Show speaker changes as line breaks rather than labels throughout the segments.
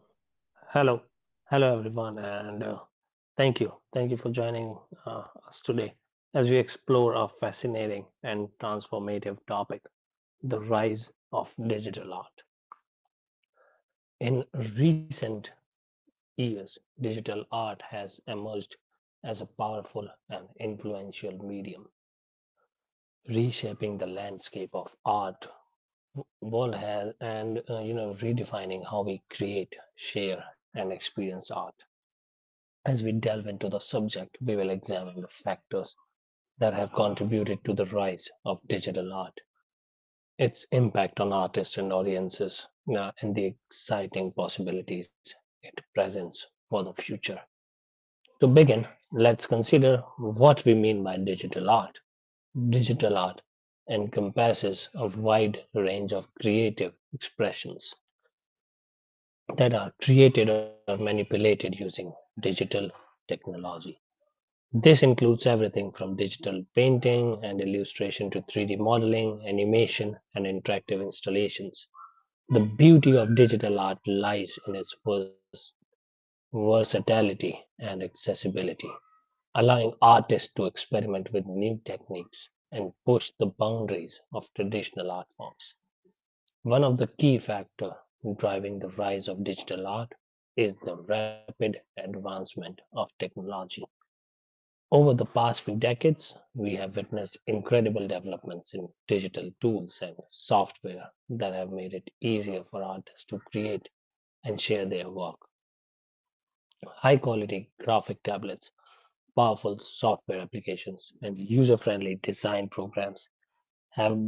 Mm. Hello, hello everyone, and thank you for joining us today as we explore a fascinating and transformative topic: the rise of digital art. In recent years, digital art has emerged as a powerful and influential medium, reshaping the landscape of art world has, and redefining how we create, share, and experience art. As we delve into the subject, we will examine the factors that have contributed to the rise of digital art, its impact on artists and audiences, and the exciting possibilities it presents for the future. To begin, let's consider what we mean by digital art. Digital art encompasses a wide range of creative expressions that are created or manipulated using digital technology. This includes everything from digital painting and illustration to 3D modeling, animation, and interactive installations. The beauty of digital art lies in its versatility and accessibility, allowing artists to experiment with new techniques and push the boundaries of traditional art forms. One of the key factors driving the rise of digital art is the rapid advancement of technology. Over the past few decades, we have witnessed incredible developments in digital tools and software that have made it easier for artists to create and share their work. High quality graphic tablets, powerful software applications, and user friendly design programs have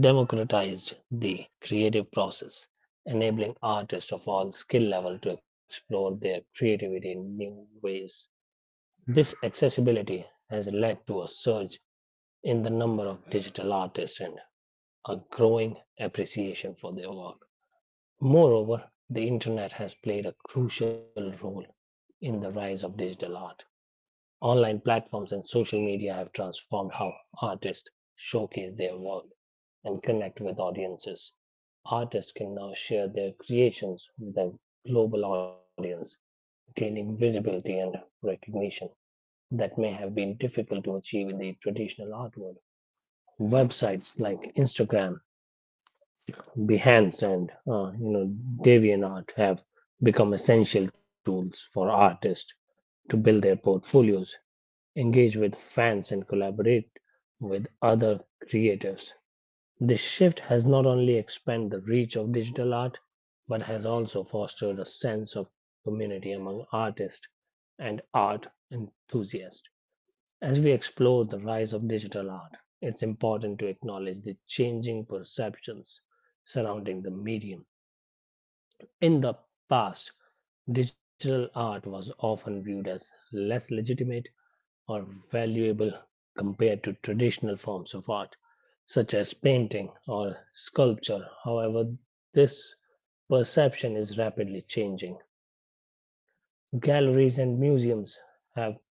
democratized the creative process, enabling artists of all skill level to explore their creativity in new ways. This accessibility has led to a surge in the number of digital artists and a growing appreciation for their work. Moreover, the internet has played a crucial role in the rise of digital art. Online platforms and social media have transformed how artists showcase their work and connect with audiences. Artists can now share their creations with a global audience, gaining visibility and recognition that may have been difficult to achieve in the traditional art world. Websites like Instagram, Behance, and DeviantArt have become essential tools for artists to build their portfolios, engage with fans, and collaborate with other creatives. This shift has not only expanded the reach of digital art, but has also fostered a sense of community among artists and art enthusiasts. As we explore the rise of digital art, it's important to acknowledge the changing perceptions surrounding the medium. In the past, digital art was often viewed as less legitimate or valuable compared to traditional forms of art, such as painting or sculpture. However, this perception is rapidly changing. Galleries and museums have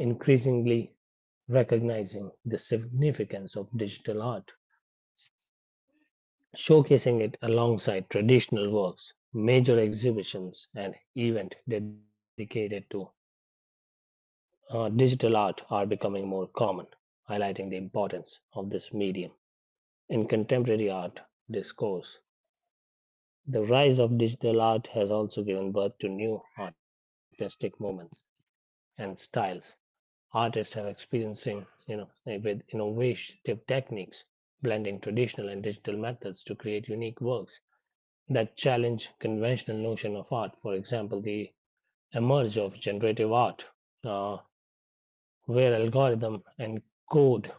increasingly recognizing the significance of digital art, showcasing it alongside traditional works, major exhibitions, and events dedicated to digital art are becoming more common, highlighting the importance of this medium. In contemporary art discourse, the rise of digital art has also given birth to new artistic movements and styles. Artists are experiencing, you know, with innovative techniques, blending traditional and digital methods to create unique works that challenge conventional notion of art. For example, the emerge of generative art, uh, where algorithm and code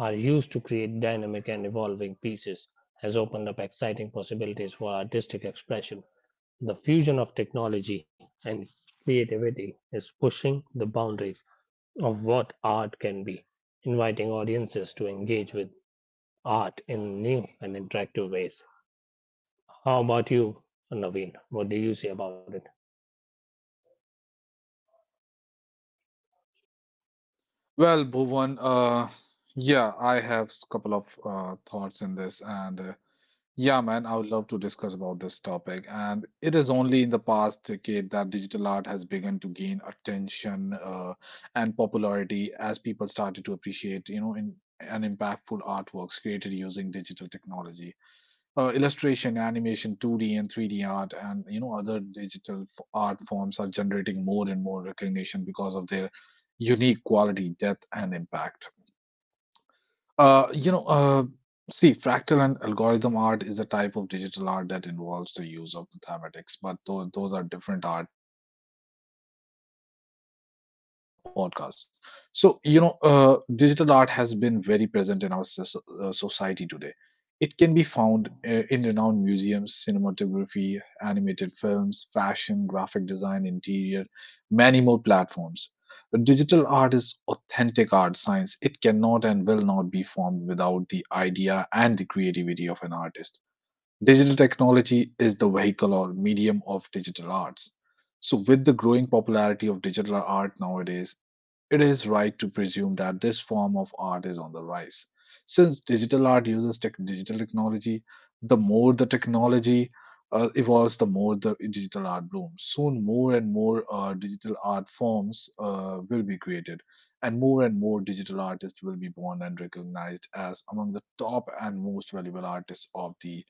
are used to create dynamic and evolving pieces, has opened up exciting possibilities for artistic expression. The fusion of technology and creativity is pushing the boundaries of what art can be, inviting audiences to engage with art in new and interactive ways. How about you, Naveen? What do you say about it?
Well, Bhuvan, yeah, I have a couple of thoughts in this, and yeah, man, I would love to discuss about this topic. And it is only in the past decade that digital art has begun to gain attention and popularity as people started to appreciate, in and impactful artworks created using digital technology illustration, animation, 2D and 3D art, and other digital art forms are generating more and more recognition because of their unique quality, depth, and impact. Uh, you know, uh, See, fractal and algorithm art is a type of digital art that involves the use of mathematics, but those are different art that we can discuss later in this podcast. So, digital art has been very present in our society today. It can be found in renowned museums, cinematography, animated films, fashion, graphic design, interior, many more platforms. But digital art is authentic art science. It cannot and will not be formed without the idea and the creativity of an artist. Digital technology is the vehicle or medium of digital arts. So, with the growing popularity of digital art nowadays, it is right to presume that this form of art is on the rise. Since digital art uses tech digital technology, the more the technology evolves, the more the digital art blooms. Soon, more and more digital art forms will be created, and more digital artists will be born and recognized as among the top and most valuable artists of the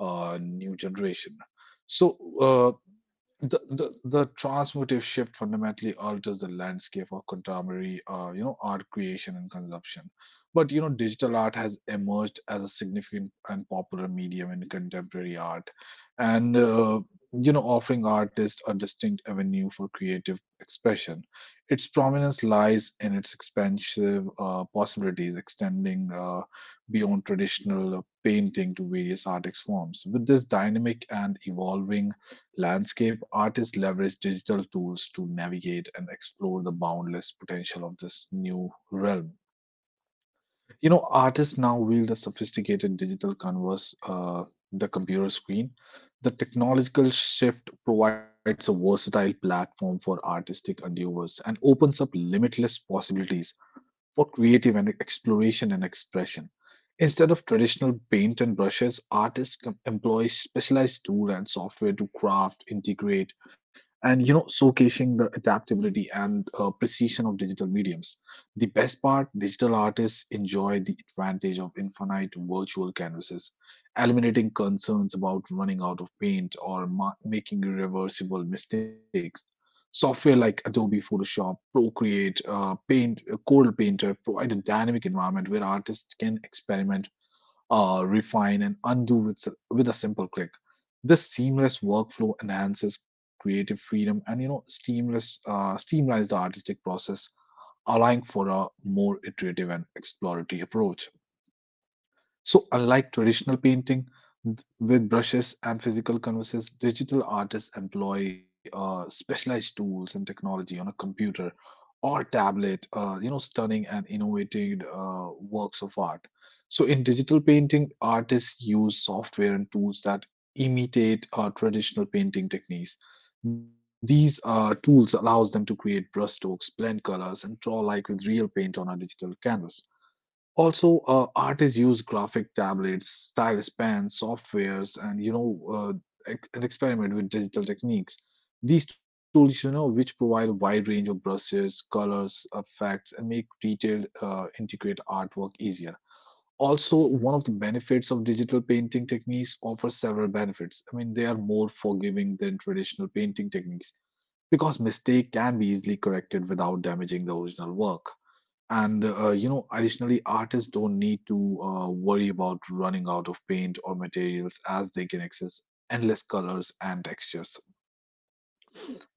new generation. So, uh, the transformative shift fundamentally alters the landscape of contemporary art creation and consumption, but digital art has emerged as a significant and popular medium in contemporary art, and offering artists a distinct avenue for creative expression. Its prominence lies in its expansive possibilities, extending beyond traditional painting to various art forms. With this dynamic and evolving landscape, artists leverage digital tools to navigate and explore the boundless potential of this new realm. You know, artists now wield a sophisticated digital canvas, the computer screen. The technological shift provides a versatile platform for artistic endeavors and opens up limitless possibilities for creative and exploration and expression. Instead of traditional paint and brushes, artists employ specialized tool and software to craft, integrate, and showcasing the adaptability and precision of digital mediums. The best part, digital artists enjoy the advantage of infinite virtual canvases, eliminating concerns about running out of paint or making irreversible mistakes. Software like Adobe Photoshop, Procreate, Paint, Corel Painter provide a dynamic environment where artists can experiment, refine, and undo with, with a simple click. This seamless workflow enhances creative freedom and seamless streamlines the artistic process, allowing for a more iterative and exploratory approach. So, unlike traditional painting with brushes and physical canvases, digital artists employ specialized tools and technology on a computer or tablet, stunning and innovative works of art. So, in digital painting, artists use software and tools that imitate traditional painting techniques. These tools allows them to create brushstrokes, blend colors, and draw like with real paint on a digital canvas. Also, artists use graphic tablets, stylus pens, softwares, and and experiment with digital techniques. These tools, which provide a wide range of brushes, colors, effects, and make detailed, intricate artwork easier. Also, one of the benefits of digital painting techniques offers several benefits. I mean, they are more forgiving than traditional painting techniques because mistake can be easily corrected without damaging the original work. And additionally, artists don't need to worry about running out of paint or materials as they can access endless colors and textures.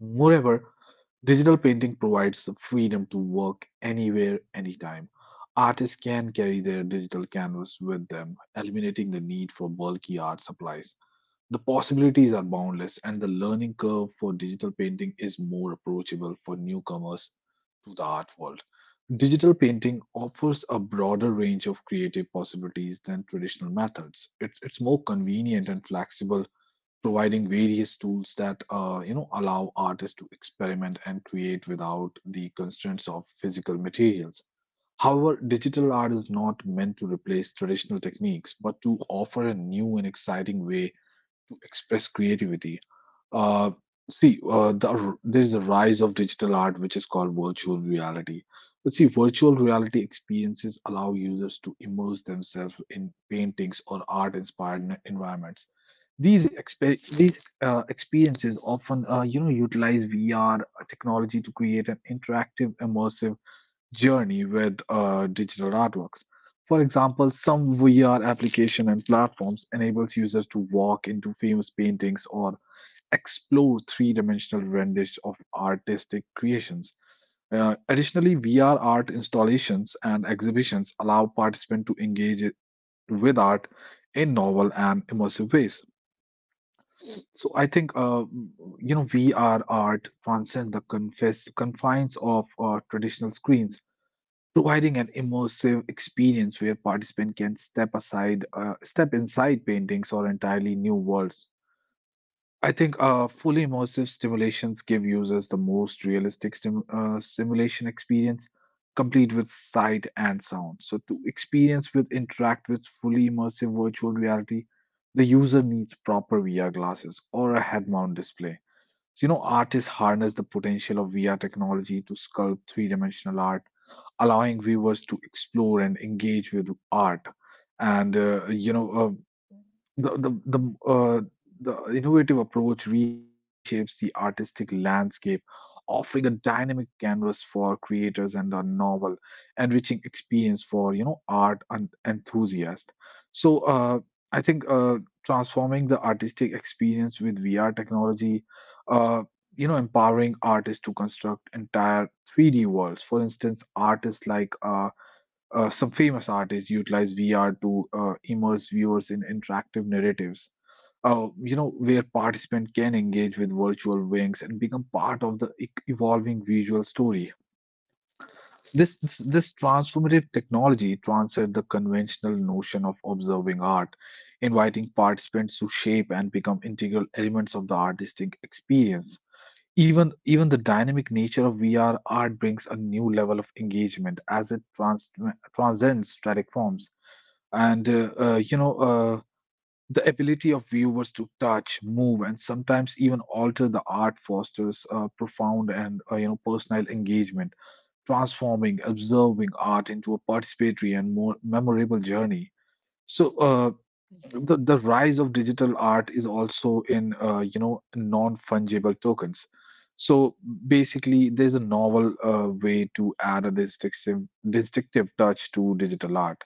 Moreover, digital painting provides the freedom to work anywhere, anytime. Artists can carry their digital canvas with them, eliminating the need for bulky art supplies. The possibilities are boundless, and the learning curve for digital painting is more approachable for newcomers to the art world. Digital painting offers a broader range of creative possibilities than traditional methods. It's more convenient and flexible, providing various tools that allow artists to experiment and create without the constraints of physical materials. However, digital art is not meant to replace traditional techniques, but to offer a new and exciting way to express creativity. Uh, See, there is a rise of digital art, which is called virtual reality. Let's see, virtual reality experiences allow users to immerse themselves in paintings or art-inspired environments. These experiences often, utilize VR technology to create an interactive, immersive journey with digital artworks. For example, some VR application and platforms enables users to walk into famous paintings or explore three-dimensional renders of artistic creations. Additionally, VR art installations and exhibitions allow participants to with art in novel and immersive ways. So I think VR art transcends the confines of traditional screens, providing an immersive experience where participants can step inside paintings or entirely new worlds. I think fully immersive stimulations give users the most realistic simulation experience, complete with sight and sound. So to experience with interact with fully immersive virtual reality, the user needs proper VR glasses or a head-mount display. So, you know, artists harness the potential of VR technology to sculpt three-dimensional art, allowing viewers to explore and engage with art. And the the the uh, the innovative approach reshapes the artistic landscape, offering a dynamic canvas for creators and a novel, enriching experience for art and enthusiasts. So I think transforming the artistic experience with VR technology, uh, empowering artists to construct entire 3D worlds. For instance, artists like some famous artists utilize VR to immerse viewers in interactive narratives, where participants can engage with virtual wings and become part of the evolving visual story. This transformative technology transcends the conventional notion of observing art, inviting participants to shape and become integral elements of the artistic experience. Even the dynamic nature of VR art brings a new level of engagement as it transcends static forms, and the ability of viewers to touch move and sometimes even alter the art fosters profound and personal engagement, transforming observing art into a participatory and more memorable journey. So the rise of digital art is also in non-fungible tokens. So basically, there's a novel way to add a distinctive touch to digital art.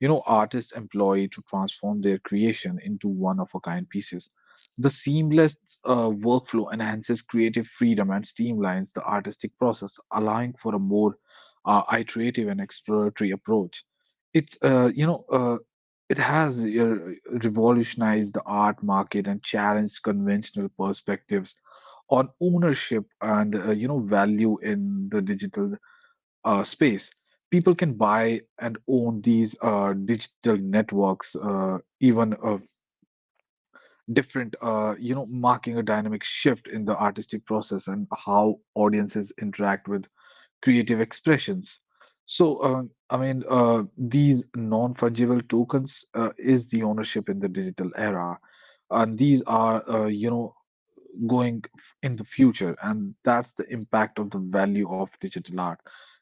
You know, artists employ to transform their creation into one of a kind pieces. The seamless workflow enhances creative freedom and streamlines the artistic process, allowing for a more iterative and exploratory approach. It's uh, you know uh, it has revolutionized the art market and challenged conventional perspectives on ownership and value in the digital space. People can buy and own these digital networks, even different, marking a dynamic shift in the artistic process and how audiences interact with creative expressions. So, I mean, these non fungible tokens is the ownership in the digital era. And these are, going in the future, and that's the impact of the value of digital art.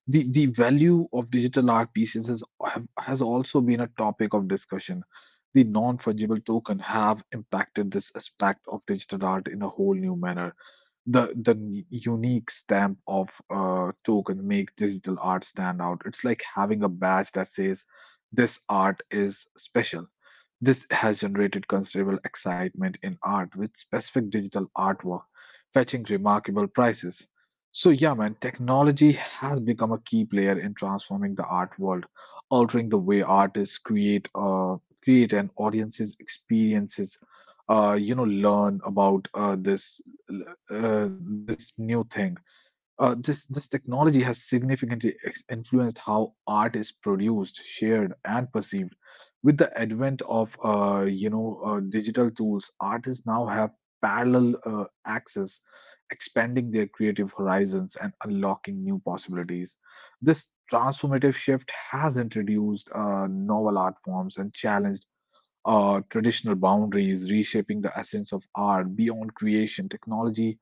The value of digital art pieces has also been a topic of discussion. The non-fungible token have impacted this aspect of digital art in a whole new manner. The unique stamp of token make digital art stand out. It's like having a badge that says this art is special. This has generated considerable excitement in art, with specific digital artwork fetching remarkable prices. So yeah, man, technology has become a key player in transforming the art world, altering the way artists create and audiences experiences, learn about this this new thing. This technology has significantly influenced how art is produced, shared, and perceived. With the advent of digital tools, artists now have parallel access, expanding their creative horizons and unlocking new possibilities. This transformative shift has introduced novel art forms and challenged traditional boundaries, reshaping the essence of art beyond creation. Technology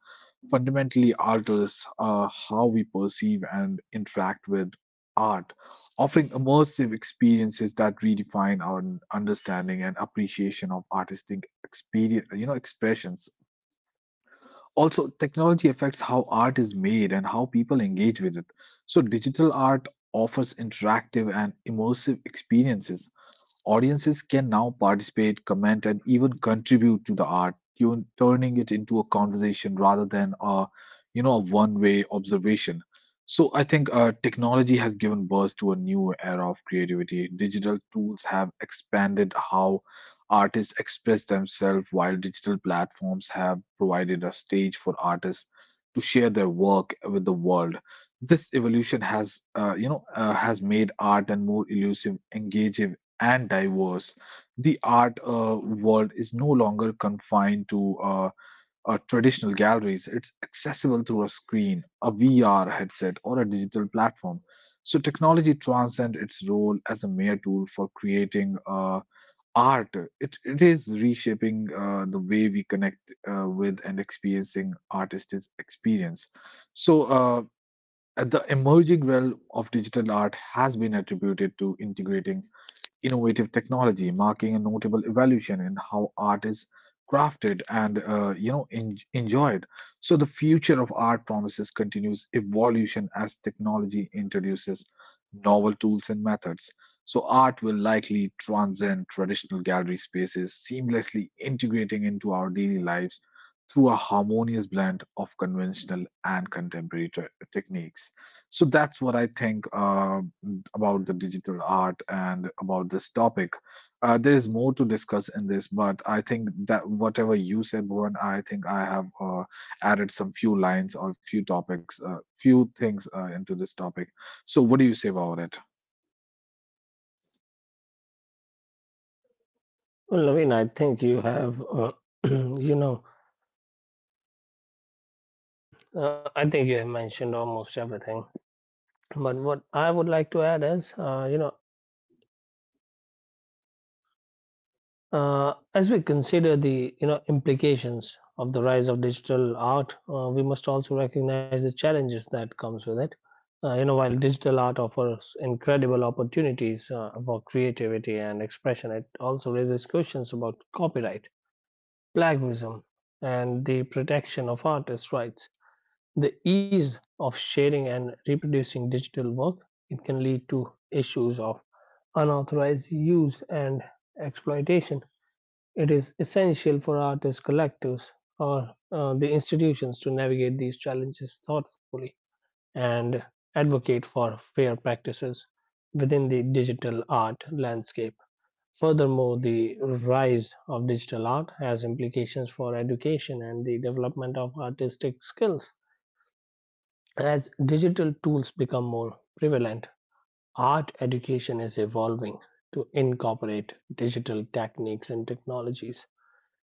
fundamentally alters how we perceive and interact with art, offering immersive experiences that redefine our understanding and appreciation of artistic experience, expressions. Also, technology affects how art is made and how people engage with it. So, digital art offers interactive and immersive experiences. Audiences can now participate, comment, and even contribute to the art, turning it into a conversation rather than a one-way observation. So I think technology has given birth to a new era of creativity. Digital tools have expanded how artists express themselves, while digital platforms have provided a stage for artists to share their work with the world. This evolution has, has made art and more elusive, engaging, and diverse. The art world is no longer confined to traditional galleries. It's accessible through a screen, a VR headset, or a digital platform. So technology transcends its role as a mere tool for creating art. It is reshaping the way we connect with and experiencing artists' experience. So the emerging realm of digital art has been attributed to integrating innovative technology, marking a notable evolution in how art is crafted and enjoyed. So the future of art promises continuous evolution as technology introduces novel tools and methods. So art will likely transcend traditional gallery spaces, seamlessly integrating into our daily lives through a harmonious blend of conventional and contemporary techniques. So that's what I think about the digital art and about this topic. There is more to discuss in this, but I think that whatever you said, Bhuvan, I think I have added some few lines or few topics, few things into this topic. So what do you say about it?
Well, Naveen, I think you have, you know, I think you have mentioned almost everything. But what I would like to add is, as we consider the implications of the rise of digital art, we must also recognize the challenges that comes with it. While digital art offers incredible opportunities for creativity and expression, it also raises questions about copyright, plagiarism, and the protection of artists' rights. The ease of sharing and reproducing digital work it can lead to issues of unauthorized use and exploitation. It is essential for artists, collectives, or the institutions to navigate these challenges thoughtfully and advocate for fair practices within the digital art landscape. Furthermore, the rise of digital art has implications for education and the development of artistic skills. As digital tools become more prevalent, art education is evolving to incorporate digital techniques and technologies.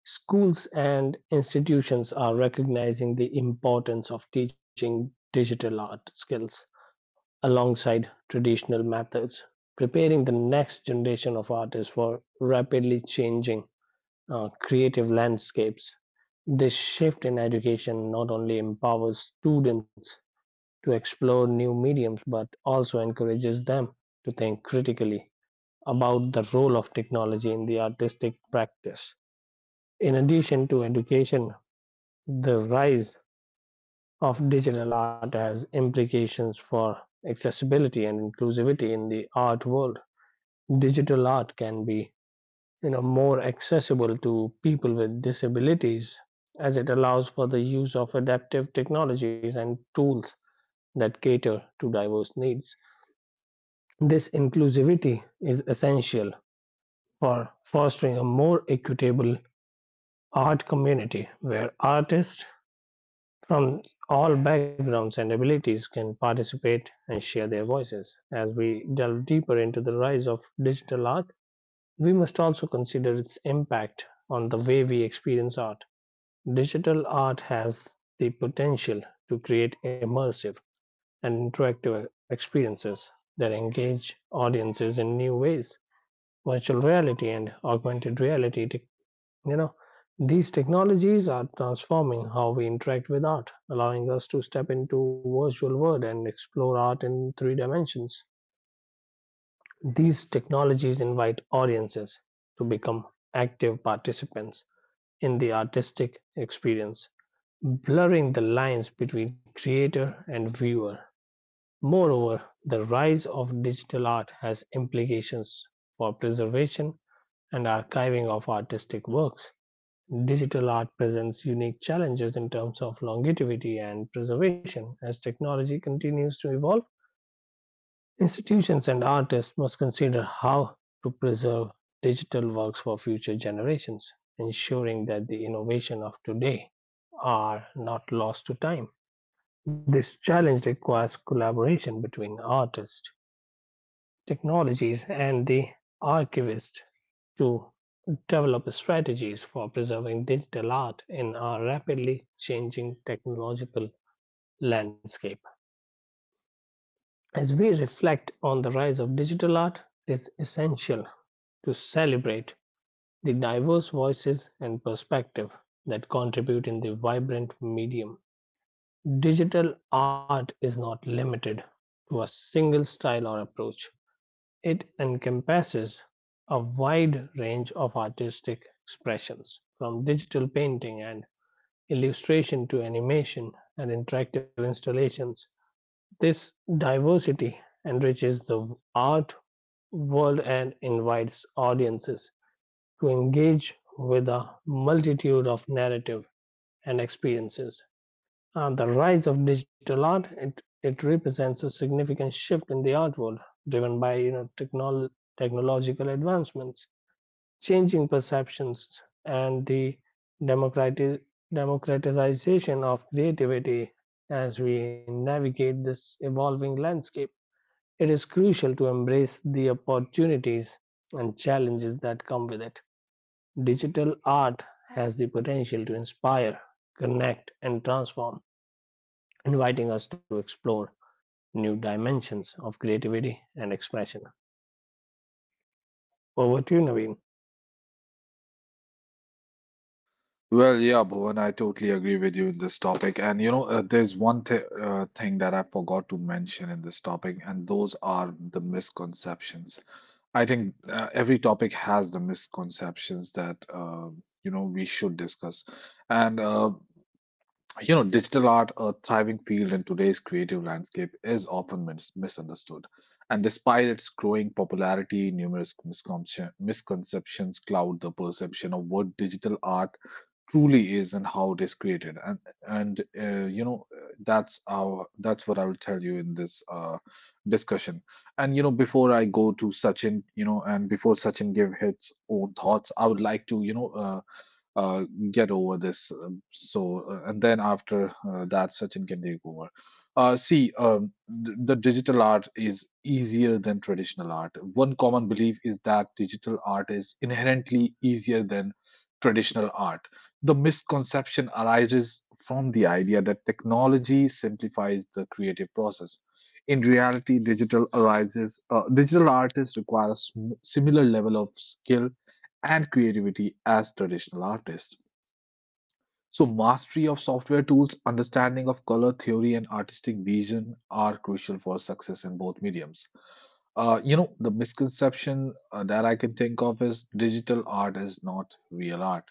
Schools and institutions are recognizing the importance of teaching digital art skills alongside traditional methods, preparing the next generation of artists for rapidly changing creative landscapes. This shift in education not only empowers students to explore new mediums but also encourages them to think critically about the role of technology in the artistic practice. In addition to education, the rise of digital art has implications for accessibility and inclusivity in the art world. Digital art can be more accessible to people with disabilities as it allows for the use of adaptive technologies and tools that cater to diverse needs. This inclusivity is essential for fostering a more equitable art community where artists from all backgrounds and abilities can participate and share their voices. As we delve deeper into the rise of digital art, we must also consider its impact on the way we experience art. Digital art has the potential to create immersive and interactive experiences that engage audiences in new ways. Virtual reality and augmented reality, you know these technologies are transforming how we interact with art, allowing us to step into virtual world and explore art in three dimensions. These technologies invite audiences to become active participants in the artistic experience, blurring the lines between creator and viewer. Moreover, the rise of digital art has implications for preservation and archiving of artistic works. Digital art presents unique challenges in terms of longevity and preservation. As technology continues to evolve, institutions and artists must consider how to preserve digital works for future generations, ensuring that the innovation of today are not lost to time. This challenge requires collaboration between artists, technologies, and the archivists to develop strategies for preserving digital art in our rapidly changing technological landscape. As we reflect on the rise of digital art, it's essential to celebrate the diverse voices and perspectives that contribute in the vibrant medium. Digital art is not limited to a single style or approach. It encompasses a wide range of artistic expressions, from digital painting and illustration to animation and interactive installations. This diversity enriches the art world and invites audiences to engage with a multitude of narrative and experiences. The rise of digital art, it represents a significant shift in the art world, driven by, you know, technological advancements, changing perceptions, and the democrati democratization of creativity. As we navigate this evolving landscape, it is crucial to embrace the opportunities and challenges that come with it. Digital art has the potential to inspire, connect, and transform, inviting us to explore new dimensions of creativity and expression. Over to you, Naveen.
Well, yeah, Bhuvan, I totally agree with you in this topic. And you know, there's one th thing that I forgot to mention in this topic, and those are the misconceptions. I think every topic has the misconceptions that we should discuss. And you know, digital art, a thriving field in today's creative landscape, is often misunderstood. And despite its growing popularity, numerous misconceptions cloud the perception of what digital art truly is and how it is created. And you know, that's our that's what I will tell you in this discussion. And you know, before I go to Sachin, you know, and before Sachin give his own thoughts, I would like to uh, get over this. And then after that, Sachin can take over. See, the digital art is easier than traditional art. One common belief is that digital art is inherently easier than traditional art. The misconception arises from the idea that technology simplifies the creative process. In reality, digital arises. Digital artists require a similar level of skill and creativity as traditional artists. So, mastery of software tools, understanding of color theory, and artistic vision are crucial for success in both mediums. The misconception that I can think of is digital art is not real art.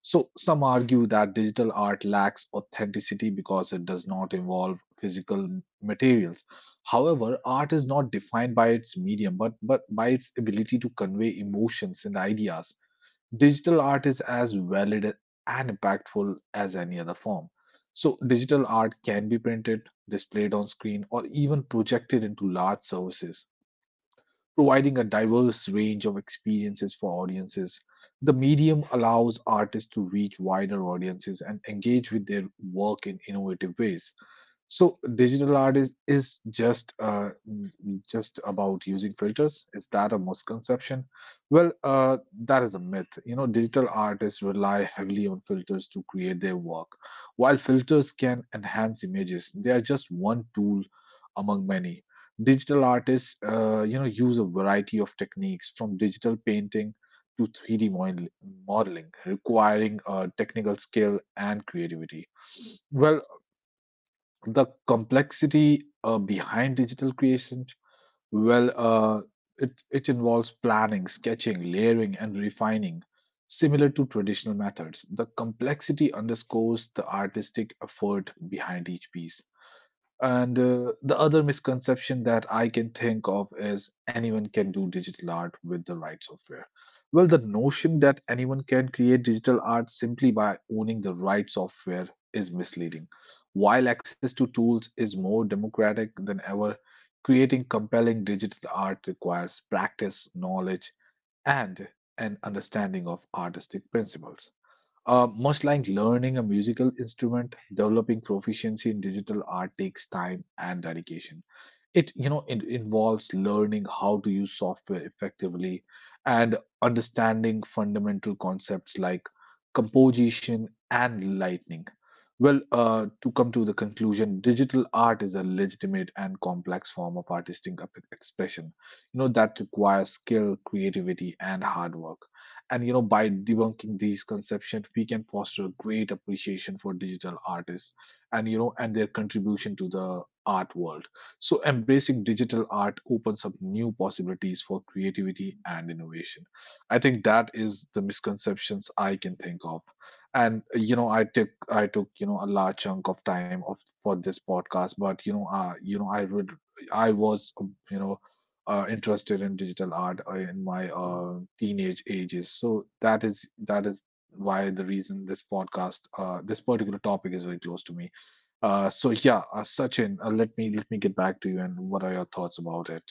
So, some argue that digital art lacks authenticity because it does not involve physical materials. However, art is not defined by its medium, but by its ability to convey emotions and ideas. Digital art is as valid and impactful as any other form. So, digital art can be printed, displayed on screen, or even projected into large services, providing a diverse range of experiences for audiences. The medium allows artists to reach wider audiences and engage with their work in innovative ways. So digital art is just mm, just about using filters. Is that a misconception? Well, that is a myth. You know, digital artists rely heavily on filters to create their work. While filters can enhance images, they are just one tool among many. Digital artists, use a variety of techniques from digital painting to 3D modeling, requiring technical skill and creativity. Well, the complexity behind digital creation, well uh, it involves planning, sketching, layering, and refining, similar to traditional methods. The complexity underscores the artistic effort behind each piece. And the other misconception that I can think of is anyone can do digital art with the right software. Well, the notion that anyone can create digital art simply by owning the right software is misleading. While access to tools is more democratic than ever, creating compelling digital art requires practice, knowledge, and an understanding of artistic principles. Much like learning a musical instrument, developing proficiency in digital art takes time and dedication. It involves learning how to use software effectively and understanding fundamental concepts like composition and lighting. Well, to come to the conclusion, digital art is a legitimate and complex form of artistic expression, you know, that requires skill, creativity, and hard work. And, you know, by debunking these conceptions, we can foster a great appreciation for digital artists and, their contribution to the art world. So, embracing digital art opens up new possibilities for creativity and innovation. I think that is the misconceptions I can think of. And you know, I took a large chunk of time of for this podcast, but you know, I would. I was interested in digital art in my teenage ages. So that is why the reason this podcast this particular topic is very close to me. So yeah, Sachin, let me get back to you. And what are your thoughts about it?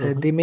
Hmm.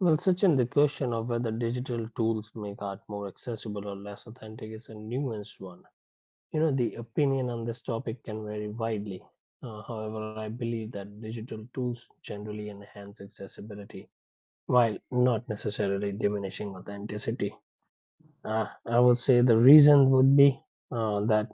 Well, Sachin, the question of whether digital tools make art more accessible or less authentic is a nuanced one. You know, the opinion on this topic can vary widely. However, I believe that digital tools generally enhance accessibility while not necessarily diminishing authenticity. I would say the reason would be that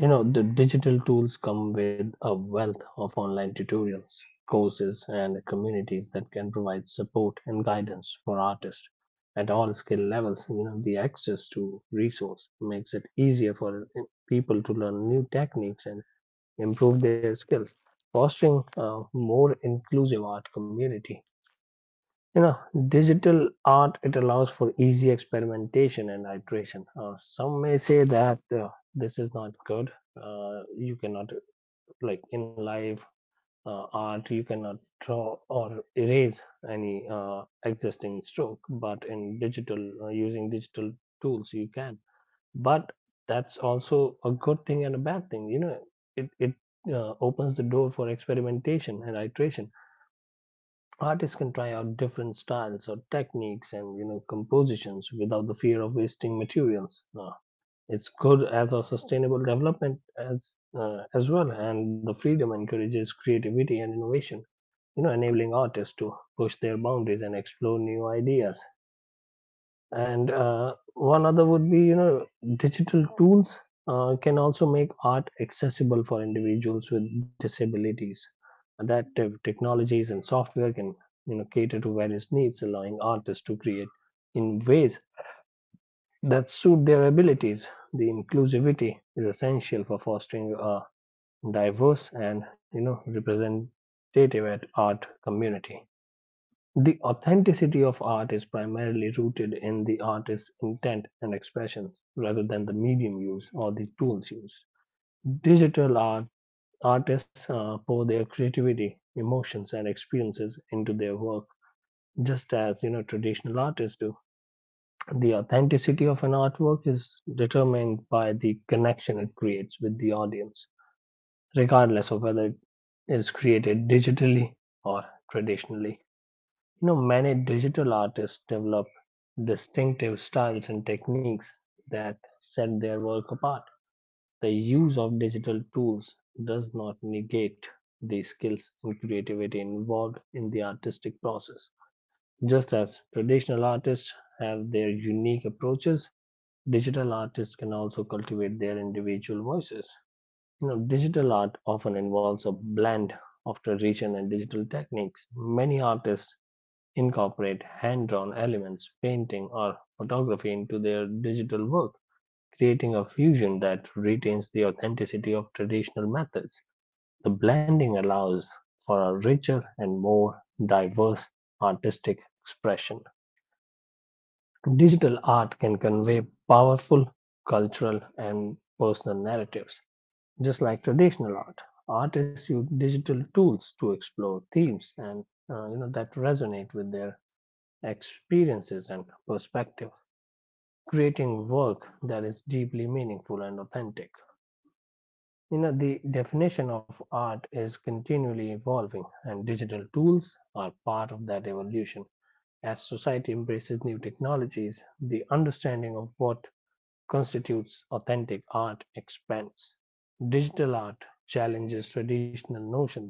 you know, the digital tools come with a wealth of online tutorials, courses, and communities that can provide support and guidance for artists at all skill levels. You know, the access to resource makes it easier for people to learn new techniques and improve their skills, fostering a more inclusive art community. You know, digital art, it allows for easy experimentation and iteration. Some may say that this is not good, you cannot, like in live art, you cannot draw or erase any existing stroke, but in digital, using digital tools you can. But that's also a good thing and a bad thing. You know, it opens the door for experimentation and iteration. Artists can try out different styles or techniques and you know compositions without the fear of wasting materials. It's good as a sustainable development as well, and the freedom encourages creativity and innovation. You know, enabling artists to push their boundaries and explore new ideas. And one other would be, you know, digital tools can also make art accessible for individuals with disabilities. Adaptive technologies and software can, you know, cater to various needs, allowing artists to create in ways that suit their abilities. The inclusivity is essential for fostering a diverse and, you know, representative at art community. The authenticity of art is primarily rooted in the artist's intent and expression rather than the medium used or the tools used. Digital art artists pour their creativity, emotions, and experiences into their work, just as you know traditional artists do. The authenticity of an artwork is determined by the connection it creates with the audience, regardless of whether it is created digitally or traditionally. Many digital artists develop distinctive styles and techniques that set their work apart. The use of digital tools does not negate the skills and creativity involved in the artistic process. Just as traditional artists have their unique approaches, digital artists can also cultivate their individual voices. Digital art often involves a blend of tradition and digital techniques. Many artists incorporate hand-drawn elements, painting, or photography into their digital work, creating a fusion that retains the authenticity of traditional methods. The blending allows for a richer and more diverse artistic expression. Digital art can convey powerful cultural and personal narratives, just like traditional art. Artists use digital tools to explore themes and that resonate with their experiences and perspective, creating work that is deeply meaningful and authentic. The definition of art is continually evolving, and digital tools are part of that evolution. As society embraces new technologies, the understanding of what constitutes authentic art expands. Digital art challenges traditional notions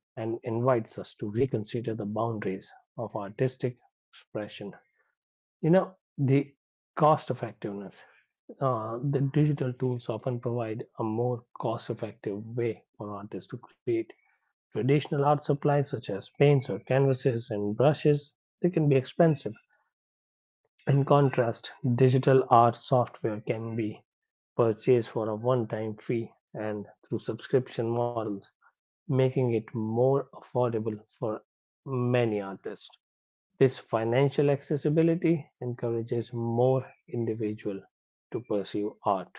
and invites us to reconsider the boundaries of artistic expression. The cost effectiveness. The digital tools often provide a more cost effective way for artists to create. Traditional art supplies such as paints or canvases and brushes, they can be expensive. In contrast, digital art software can be purchased for a one time fee and through subscription models, making it more affordable for many artists. This financial accessibility encourages more individuals to pursue art.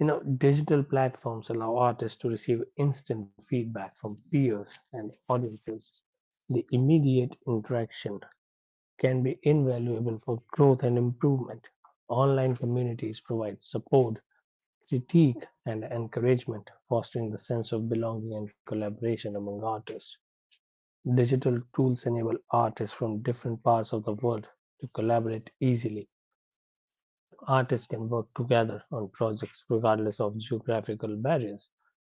Digital platforms allow artists to receive instant feedback from peers and audiences. The immediate interaction can be invaluable for growth and improvement. Online communities provide support, critique, and encouragement, fostering the sense of belonging and collaboration among artists. Digital tools enable artists from different parts of the world to collaborate easily. Artists can work together on projects regardless of geographical barriers,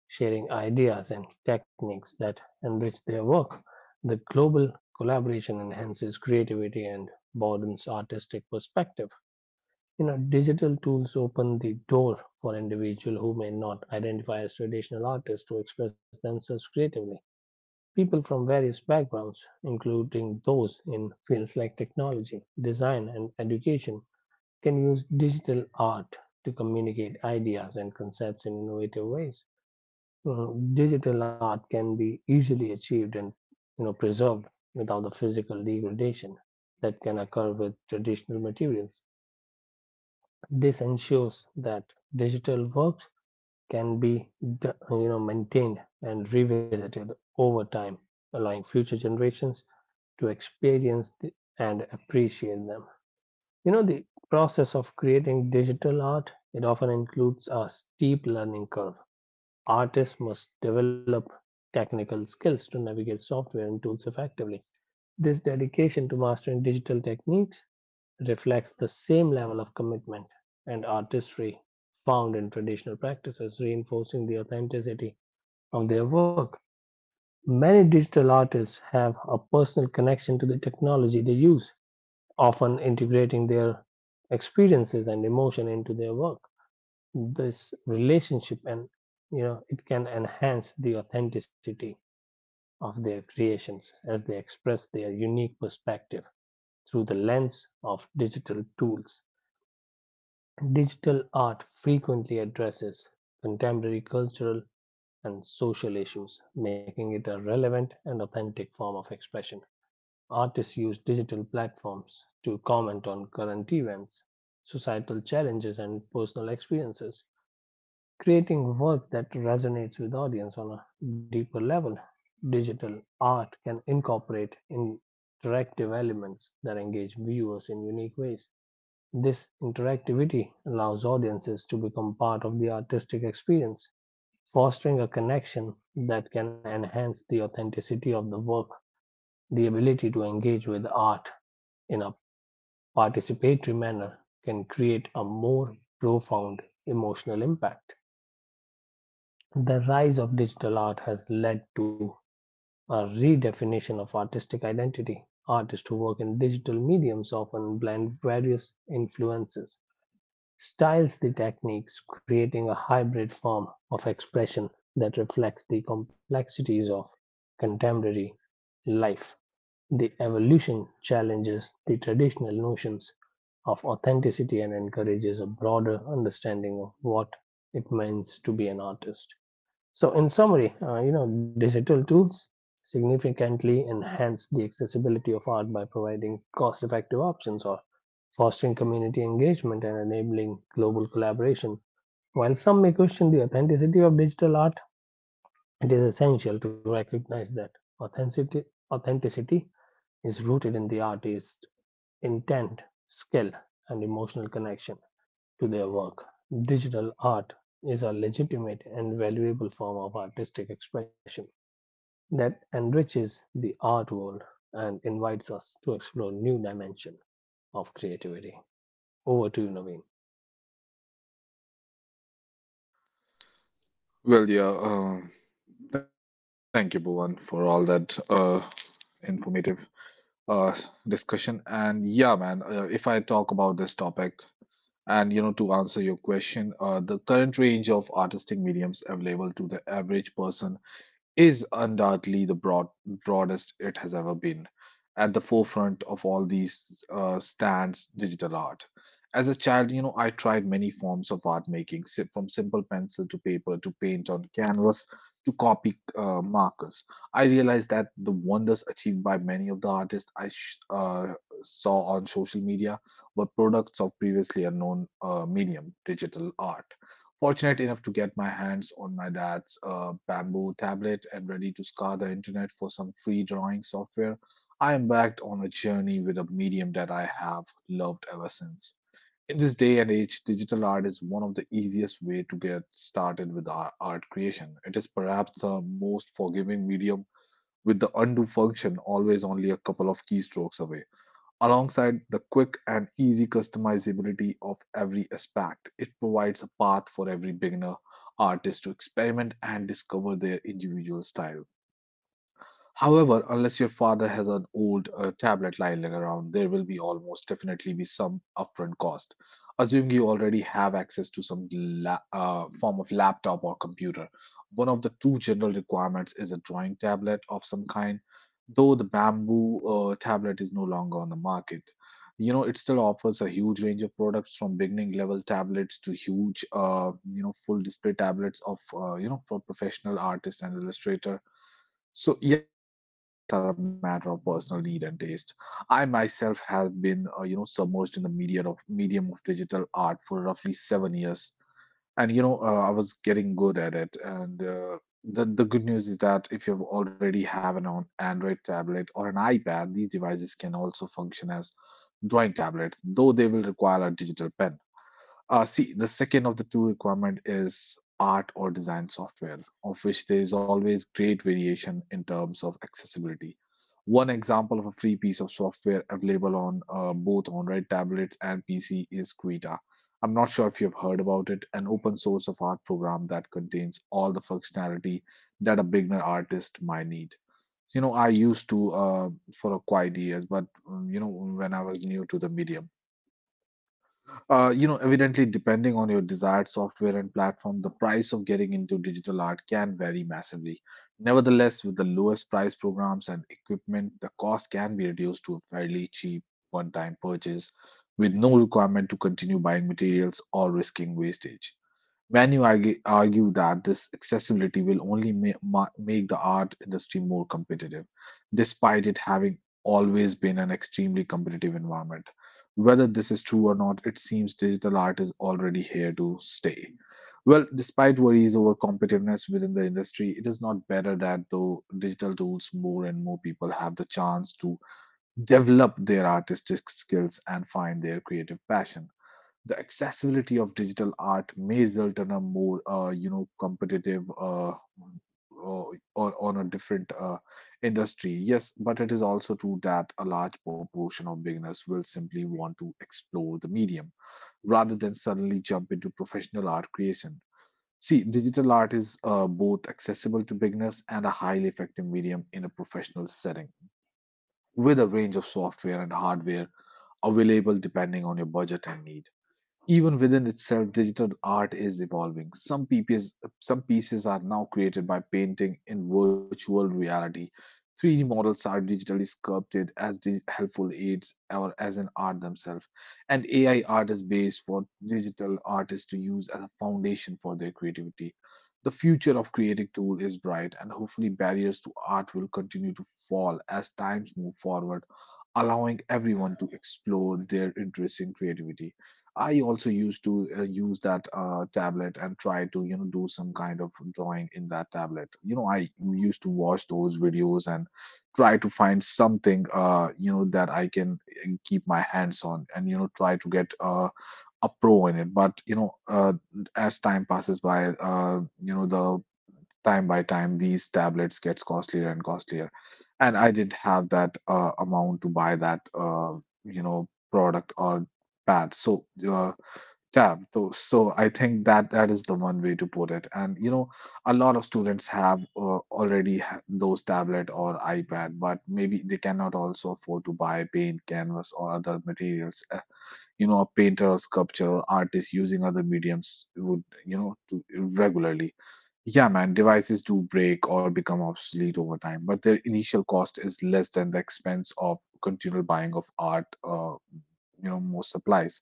sharing ideas and techniques that enrich their work. The global collaboration enhances creativity and broadens artistic perspective. Digital tools open the door for individuals who may not identify as traditional artists to express themselves creatively. People from various backgrounds, including those in fields like technology, design, and education, can use digital art to communicate ideas and concepts in innovative ways. Digital art can be easily achieved and preserved without the physical degradation that can occur with traditional materials. This ensures that digital works can be maintained and revisited over time, allowing future generations to experience the, and appreciate them. The process of creating digital art, it often includes a steep learning curve. Artists must develop technical skills to navigate software and tools effectively. This dedication to mastering digital techniques reflects the same level of commitment and artistry found in traditional practices, reinforcing the authenticity of their work. Many digital artists have a personal connection to the technology they use, often integrating their experiences and emotion into their work. This relationship and it can enhance the authenticity of their creations as they express their unique perspective through the lens of digital tools. Digital art frequently addresses contemporary cultural and social issues, making it a relevant and authentic form of expression. Artists use digital platforms to comment on current events, societal challenges, and personal experiences, creating work that resonates with audience on a deeper level. Digital art can incorporate interactive elements that engage viewers in unique ways. This interactivity allows audiences to become part of the artistic experience, fostering a connection that can enhance the authenticity of the work the ability to engage with art in a participatory manner can create a more profound emotional impact. The rise of digital art has led to a redefinition of artistic identity. Artists who work in digital mediums often blend various influences, styles, and techniques, creating a hybrid form of expression that reflects the complexities of contemporary life. The evolution challenges the traditional notions of authenticity and encourages a broader understanding of what it means to be an artist. So, in summary, digital tools significantly enhance the accessibility of art by providing cost-effective options or fostering community engagement and enabling global collaboration. While some may question the authenticity of digital art, it is essential to recognize that authenticity authenticity is rooted in the artist's intent, skill, and emotional connection to their work. Digital art is a legitimate and valuable form of artistic expression that enriches the art world and invites us to explore new dimension of creativity. Over to you, Naveen.
Well, yeah, thank you, Bhuvan, for all that informative uh, discussion. And yeah, man, if I talk about this topic, and you know, to answer your question, the current range of artistic mediums available to the average person is undoubtedly the broadest it has ever been. At the forefront of all these stands digital art. As a child, you know, I tried many forms of art making, from simple pencil to paper to paint on canvas to copy markers. I realized that the wonders achieved by many of the artists I saw on social media were products of previously unknown medium, digital art. Fortunate enough to get my hands on my dad's bamboo tablet and ready to scour the internet for some free drawing software, I embarked on a journey with a medium that I have loved ever since. In this day and age, digital art is one of the easiest way to get started with art creation. It is perhaps the most forgiving medium with the undo function always only a couple of keystrokes away. Alongside the quick and easy customizability of every aspect, it provides a path for every beginner artist to experiment and discover their individual style. However, unless your father has an old tablet lying around, there will be almost definitely be some upfront cost. Assuming you already have access to some form of laptop or computer, one of the two general requirements is a drawing tablet of some kind. Though the bamboo tablet is no longer on the market, you know it still offers a huge range of products from beginning level tablets to huge, full display tablets of for professional artists and illustrator. So yeah, man, later upgrades are a matter of personal need and taste. I myself have been, submerged in the media of medium of digital art for roughly 7 years, and you know, I was getting good at it. And the good news is that if you already have an Android tablet or an iPad, these devices can also function as drawing tablets, though they will require a digital pen. See, the second of the two requirement is art or design software, of which there is always great variation in terms of accessibility. One example of a free piece of software available on both on Red tablets and PC is Quita. I'm not sure if you've heard about it, an open source of art program that contains all the functionality that a beginner artist might need. You know, I used to for a quiet years, but you know when I was new to the medium. Evidently, depending on your desired software and platform, the price of getting into digital art can vary massively. Nevertheless, with the lowest price programs and equipment, the cost can be reduced to a fairly cheap one time purchase with no requirement to continue buying materials or risking wastage. Many argue that this accessibility will only make the art industry more competitive, despite it having always been an extremely competitive environment. Whether this is true or not, it seems digital art is already here to stay. Well, despite worries over competitiveness within the industry, it is not better that though digital tools, more and more people have the chance to develop their artistic skills and find their creative passion. The accessibility of digital art may result in a more competitive or on a different industry, yes, but it is also true that a large proportion of beginners will simply want to explore the medium rather than suddenly jump into professional art creation. See, digital art is both accessible to beginners and a highly effective medium in a professional setting, with a range of software and hardware available depending on your budget and need. Even within itself, digital art is evolving. Some pieces are now created by painting in virtual reality. 3D models are digitally sculpted as helpful aids or as an art themselves. And AI art is based for digital artists to use as a foundation for their creativity. The future of creative tool is bright, and hopefully barriers to art will continue to fall as times move forward, allowing everyone to explore their interests in creativity. I also used to use that tablet and try to do some kind of drawing in that tablet. You know, I used to watch those videos and try to find something that I can keep my hands on and try to get a pro in it. But as time passes by, you know the time by time these tablets gets costlier and costlier, and I didn't have that amount to buy that product or pad, so tab, so I think that is the one way to put it. And you know, a lot of students have already those tablet or iPad, but maybe they cannot also afford to buy paint canvas or other materials. You know, a painter or sculptor or artist using other mediums would, you know, to regularly, yeah, man, devices do break or become obsolete over time, but their initial cost is less than the expense of continual buying of art, more supplies.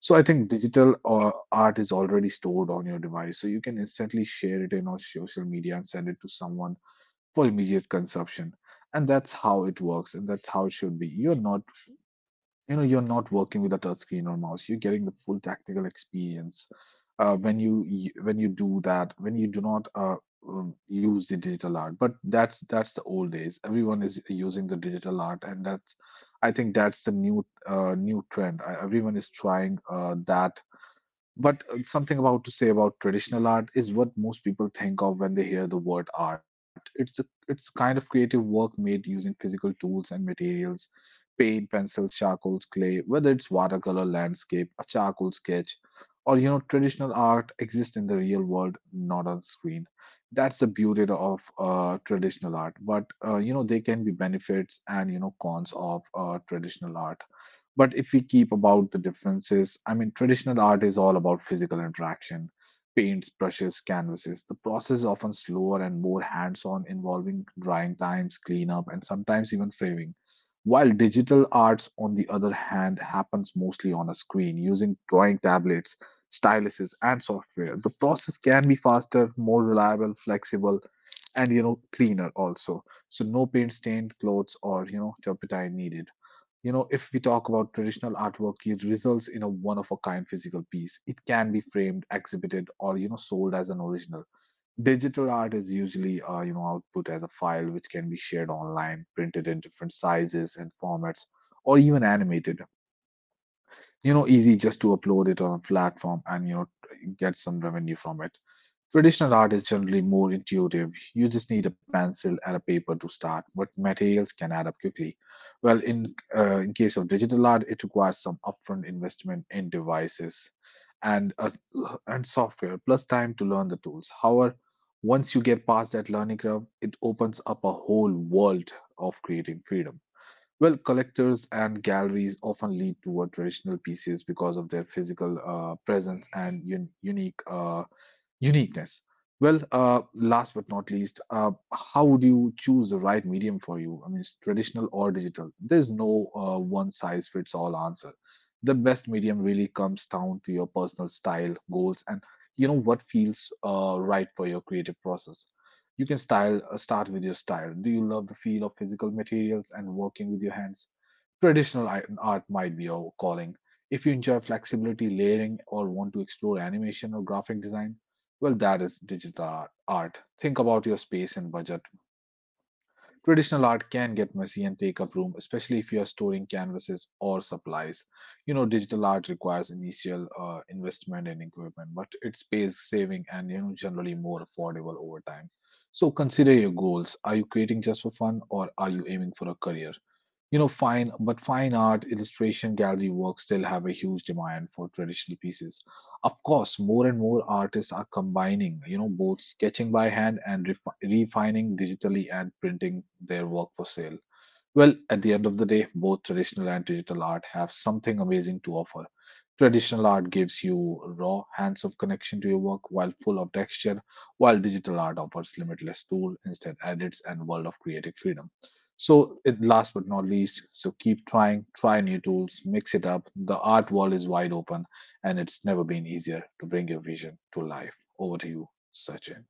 So I think digital art is already stored on your device, so you can instantly share it in on social media and send it to someone for immediate consumption. And that's how it works, and that's how it should be. You're not working with a touchscreen or mouse, you're getting the full tactical experience when when you do that, when you do not use the digital art. But that's the old days, everyone is using the digital art, and that's, I think, that's the new new trend. Everyone is trying that. But something about to say about traditional art is what most people think of when they hear the word art. It's kind of creative work made using physical tools and materials, paint, pencils, charcoals, clay, whether it's watercolor, landscape, a charcoal sketch, or you know, traditional art exists in the real world, not on screen. That's the beauty of traditional art. But you know, there can be benefits and cons of traditional art. But if we keep about the differences, I mean, traditional art is all about physical interaction, paints, brushes, canvases. The process is often slower and more hands on, involving drying times, cleanup, and sometimes even framing. While digital arts, on the other hand, happens mostly on a screen using drawing tablets, styluses, and software. The process can be faster, more reliable, flexible, and you know, cleaner also. So no paint stained clothes or you know turpentine needed. You know, if we talk about traditional artwork, it results in a one of a kind physical piece. It can be framed, exhibited, or you know, sold as an original. Digital art is usually output as a file which can be shared online, printed in different sizes and formats, or even animated. You know, easy just to upload it on a platform and you know get some revenue from it. Traditional art is generally more intuitive. You just need a pencil and a paper to start, but materials can add up quickly. Well, in case of digital art, it requires some upfront investment in devices and uh, and software, plus time to learn the tools. However, once you get past that learning curve, it opens up a whole world of creating freedom. Well, collectors and galleries often lean toward traditional pieces because of their physical presence and unique uniqueness. Well, last but not least, how would you choose the right medium for you? I mean, it's traditional or digital. There's no one size fits all answer. The best medium really comes down to your personal style, goals, and you know what feels right for your creative process. You can style start with your style. Do you love the feel of physical materials and working with your hands? Traditional art might be your calling. If you enjoy flexibility, layering, or want to explore animation or graphic design, well, that is digital art. Think about your space and budget. Traditional art can get messy and take up room, especially if you are storing canvases or supplies. You know, digital art requires initial investment in equipment, but it's space saving and you know generally more affordable over time. So consider your goals. Are you creating just for fun or are you aiming for a career? You know, fine art, illustration, gallery work still have a huge demand for traditional pieces. Of course, more and more artists are combining, you know, both sketching by hand and refining digitally and printing their work for sale. Well, at the end of the day, both traditional and digital art have something amazing to offer. Traditional art gives you raw, hands of connection to your work while full of texture, while digital art offers limitless tool, instant edits, and world of creative freedom. So, last but not least, so keep trying, try new tools, mix it up. The art world is wide open, and it's never been easier to bring your vision to life. Over to you, Sachin.